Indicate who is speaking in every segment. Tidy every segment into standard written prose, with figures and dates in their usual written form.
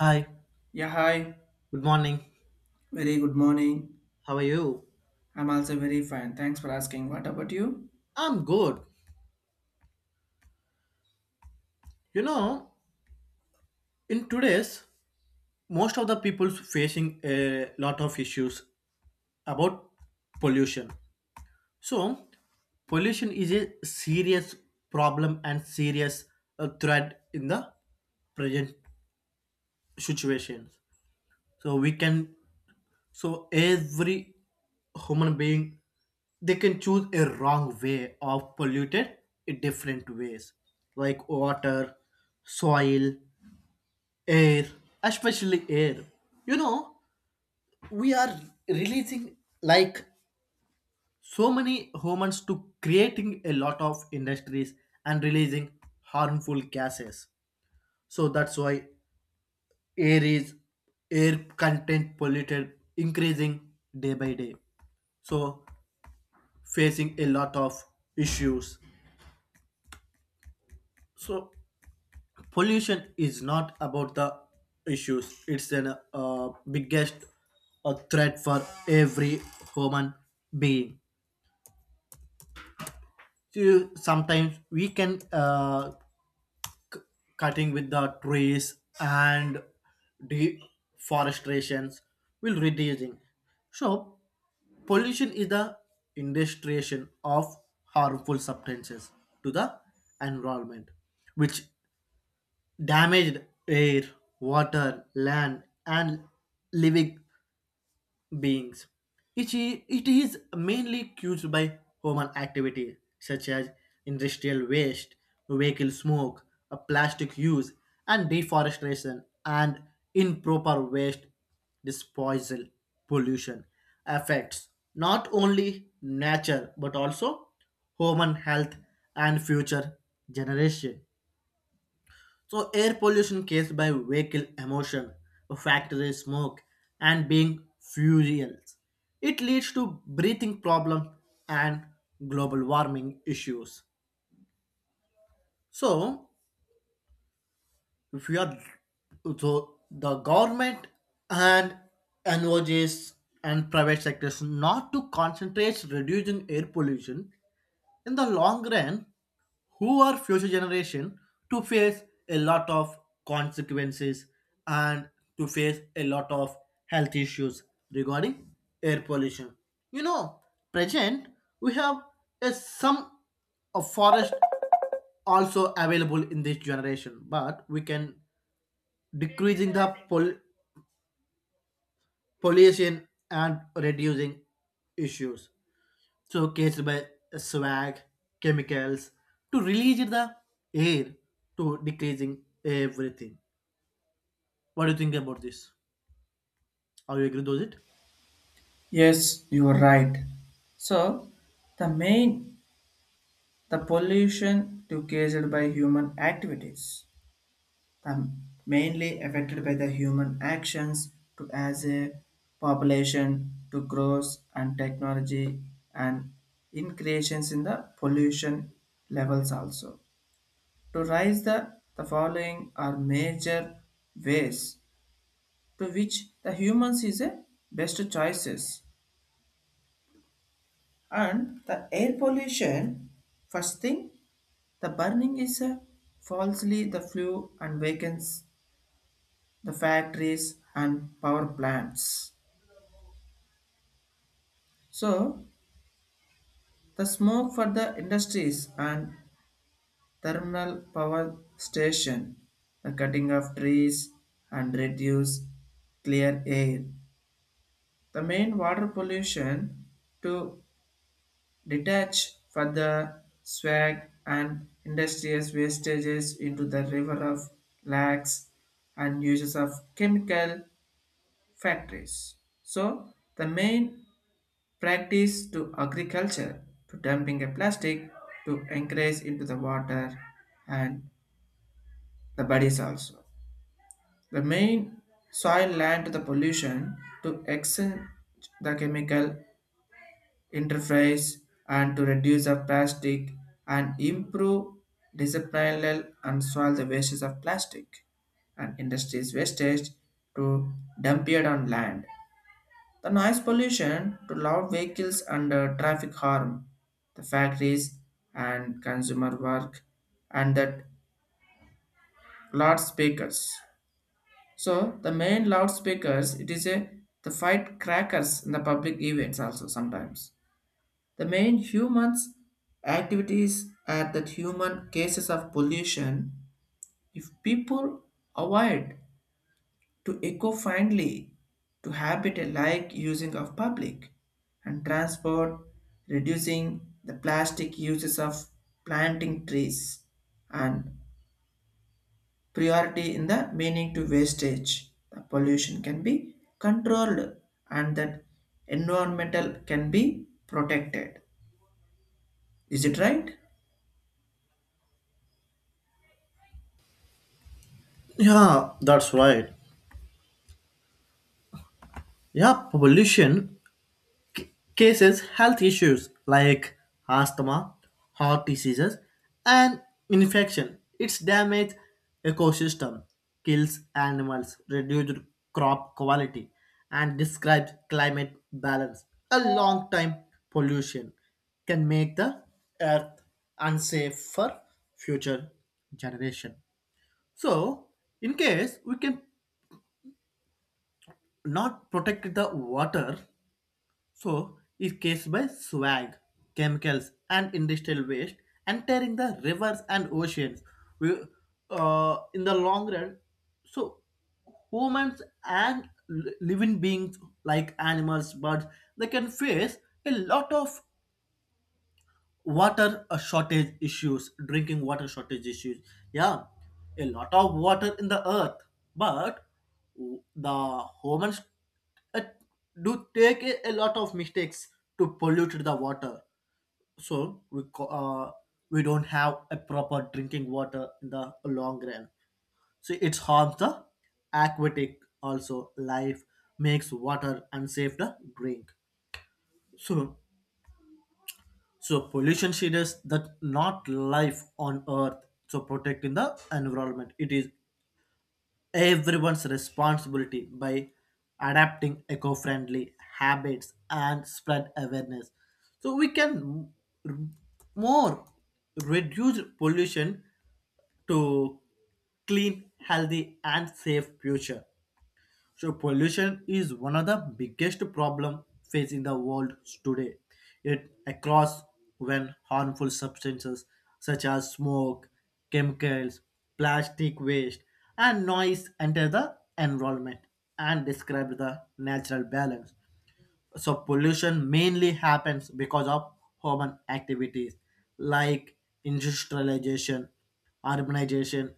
Speaker 1: Hi,
Speaker 2: Yeah, hi.
Speaker 1: good morning.
Speaker 2: Very good morning.
Speaker 1: How are you?
Speaker 2: I'm also very fine. Thanks for asking. What about you?
Speaker 1: I'm good. You know, in today's, most of the people's facing a lot of issues about pollution. So, pollution is a serious problem and serious threat in the present situations. So we can So every human being they can choose a wrong way of polluted in different ways like water, soil, air, especially air. You know, we are releasing like so many humans to creating a lot of industries and releasing harmful gases. So that's why air is air content polluted increasing day by day. So facing a lot of issues. So pollution is not about the issues; it's an biggest threat for every human being. So sometimes we can cutting with the trees and deforestations will reducing. So pollution is the industrialization of harmful substances to the environment, which damaged air, water, land, and living beings. It is mainly caused by human activity such as industrial waste, vehicle smoke, plastic use, and deforestation, and improper waste disposal. Pollution affects not only nature but also human health and future generation. So air pollution caused by vehicle emission, factory smoke, and being fuels. It leads to breathing problems and global warming issues. So if you are so the government and NOGs and private sectors not to concentrate reducing air pollution in the long run, who are future generation to face a lot of consequences and to face a lot of health issues regarding air pollution. You know, present we have a some of forest also available in this generation, but we can decreasing the pollution and reducing issues showcased by swag, chemicals, to release the air, to decreasing everything. What do you think about this? Are you agree with it?
Speaker 2: Yes, you are right. So, the main the pollution to caused by human activities, the mainly affected by the human actions to as a population to growth and technology and increases in the pollution levels also. To rise the following are major ways to which the humans is a best choices and the air pollution first thing the burning is a falsely the flue and wakens the factories and power plants so the smoke for the industries and thermal power station the cutting of trees and reduce clear air the main water pollution to detach further swag and industrial wastages into the river of lakes and uses of chemical factories. So the main practice to agriculture to dumping a plastic to encourage into the water and the bodies also. The main soil land to the pollution to exchange the chemical interface and to reduce the plastic and improve disciplinal and solve the wastes of plastic and industries wastage to dump it on land. The noise pollution to loud vehicles and traffic harm, the factories and consumer work and that loudspeakers. So the main loudspeakers it is a the fight crackers in the public events also sometimes. The main humans activities are that human cases of pollution. If people avoid to eco-friendly to habitat like using of public and transport, reducing the plastic uses of planting trees and priority in the meaning to wastage. The pollution can be controlled and that environmental can be protected. Is it right?
Speaker 1: Yeah, that's right. Yeah, pollution cases health issues like asthma, heart diseases, and infection. Its damage ecosystem, kills animals, reduced crop quality, and describes climate balance. A long time pollution can make the earth unsafe for future generation. So, in case we can not protect the water. So it gets by swag, chemicals, and industrial waste entering the rivers and oceans. We, in the long run, so humans and living beings like animals, birds, they can face a lot of water shortage issues, drinking water shortage issues. Yeah, a lot of water in the earth, but the humans uh, do take a lot of mistakes to pollute the water. So we don't have a proper drinking water in the long run. So it's harms the aquatic also life, makes water unsafe to drink. So so pollution shades that not life on earth. So protecting the environment. It is everyone's responsibility by adapting eco-friendly habits and spread awareness. So we can r- more reduce pollution to clean, healthy and safe future. So pollution is one of the biggest problem facing the world today. It across when harmful substances such as smoke, chemicals, plastic waste, and noise enter the environment and describe the natural balance. So pollution mainly happens because of human activities like industrialization, urbanization,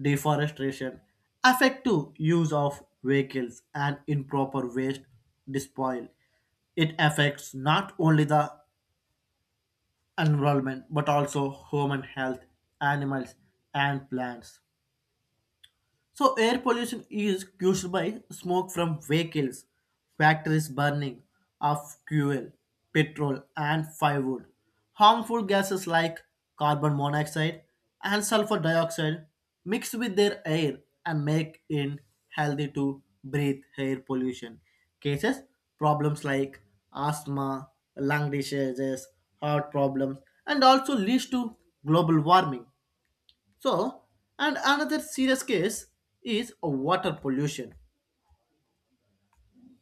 Speaker 1: deforestation, effective use of vehicles and improper waste disposal. It affects not only the environment but also human health, animals, and plants. So, air pollution is caused by smoke from vehicles, factories burning of fuel, petrol, and firewood. Harmful gases like carbon monoxide and sulfur dioxide mix with their air and make it healthy to breathe. Air pollution cases problems like asthma, lung diseases, heart problems, and also leads to global warming. So, and another serious case is water pollution.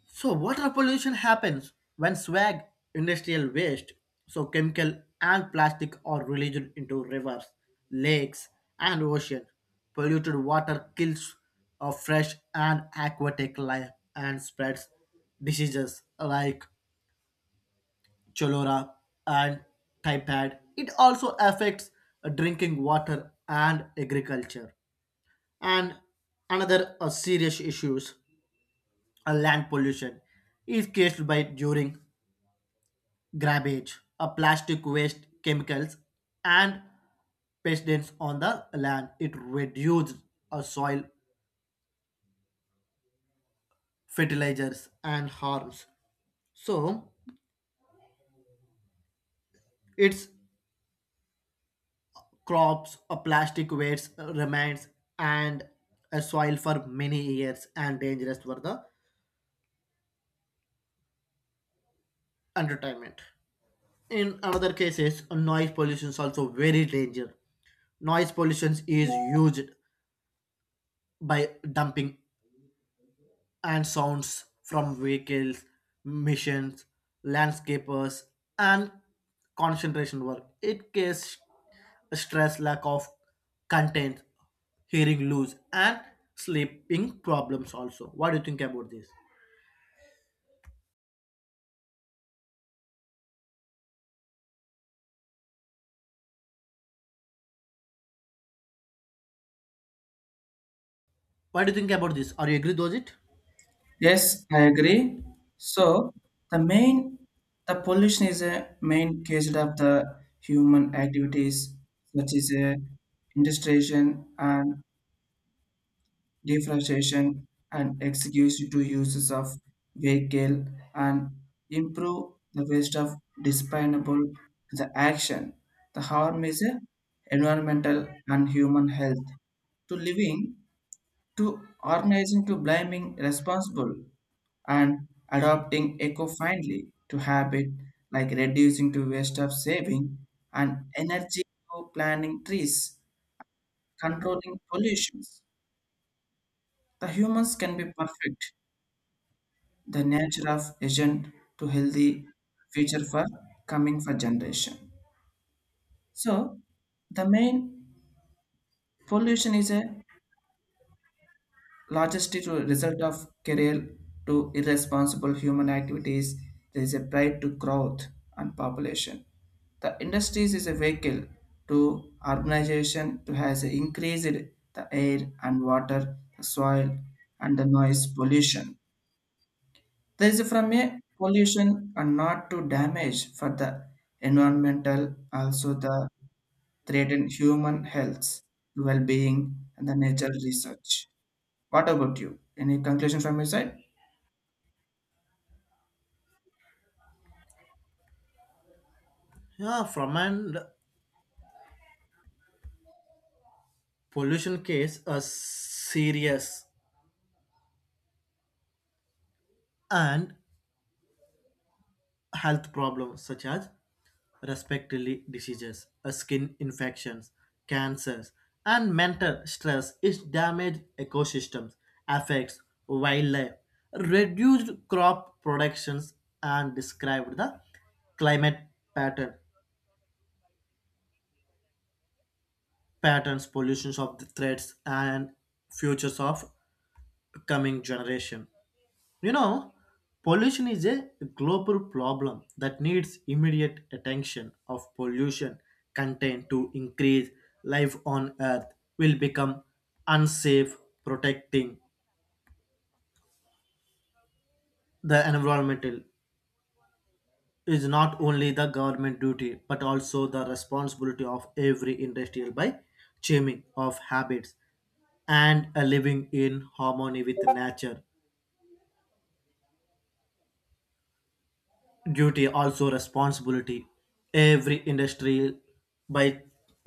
Speaker 1: So, water pollution happens when swag, industrial waste, so chemical and plastic are released into rivers, lakes, and ocean. Polluted water kills fresh and aquatic life and spreads diseases like cholera and typhoid. It also affects drinking water and agriculture. And another serious issues, land pollution, is caused by during grabbage, a plastic waste, chemicals, and pesticides on the land. It reduces soil fertilizers and harms. So its crops, a plastic waste remains, and a soil for many years and dangerous for the entertainment. In another cases, noise pollution is also very danger. Noise pollution is used by dumping and sounds from vehicles, missions, landscapers, and concentration work. It causes stress, lack of content, hearing loss, and sleeping problems also. What do you think about this? Are you agree with it?
Speaker 2: Yes, I agree. So the main the pollution is a main cause of the human activities such as industrialization and deforestation and excuse to uses of vehicle and improve the waste of disposable the action. The harm is a environmental and human health to living to organizing to blaming responsible and adopting eco-friendly to habit like reducing to waste of saving and energy to planting trees controlling pollutions the humans can be perfect the nature of agent to healthy future for coming for generation so the main pollution is a largely to result of career to irresponsible human activities, there is a pride to growth and population. The industries is a vehicle to urbanization to has increased the air and water, the soil and the noise pollution. There is from a pollution and not to damage for the environmental also the threaten human health, well-being and the nature research. What about you? Any conclusion from your side?
Speaker 1: Yeah, from an pollution case, a serious and health problems such as respiratory diseases, skin infections, cancers, and mental stress is damaged ecosystems, affects wildlife, reduced crop productions, and described the climate pattern, patterns, pollutions of the threats and futures of coming generation. You know, pollution is a global problem that needs immediate attention of pollution content to increase life on earth will become unsafe. Protecting the environmental is not only the government duty but also the responsibility of every industrial by changing of habits and a living in harmony with nature. Duty also responsibility every industry by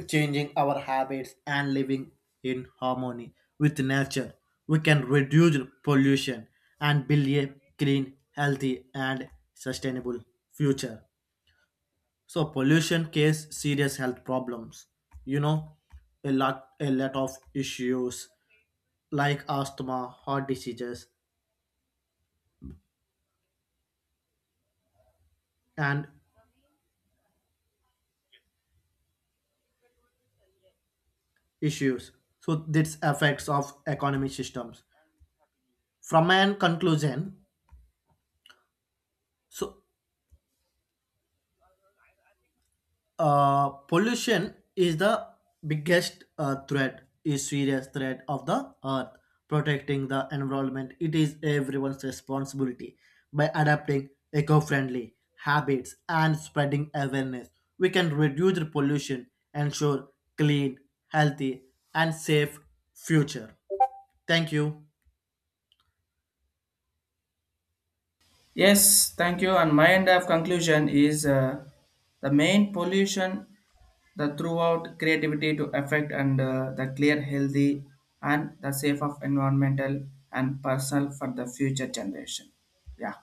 Speaker 1: changing our habits and living in harmony with nature We can reduce pollution and build a clean healthy and sustainable future. So pollution case serious health problems, you know, a lot of issues like asthma, heart diseases, and issues. So this affects of economic systems. From an conclusion, so pollution is the biggest threat is serious threat of the earth. Protecting the environment, it is everyone's responsibility by adapting eco-friendly habits and spreading awareness. We can reduce the pollution, ensure clean, healthy, and safe future. Thank you.
Speaker 2: Yes, thank you. And my end of conclusion is the main pollution the throughout creativity to affect and the clear, healthy, and the safe of environmental and personal for the future generation. Yeah.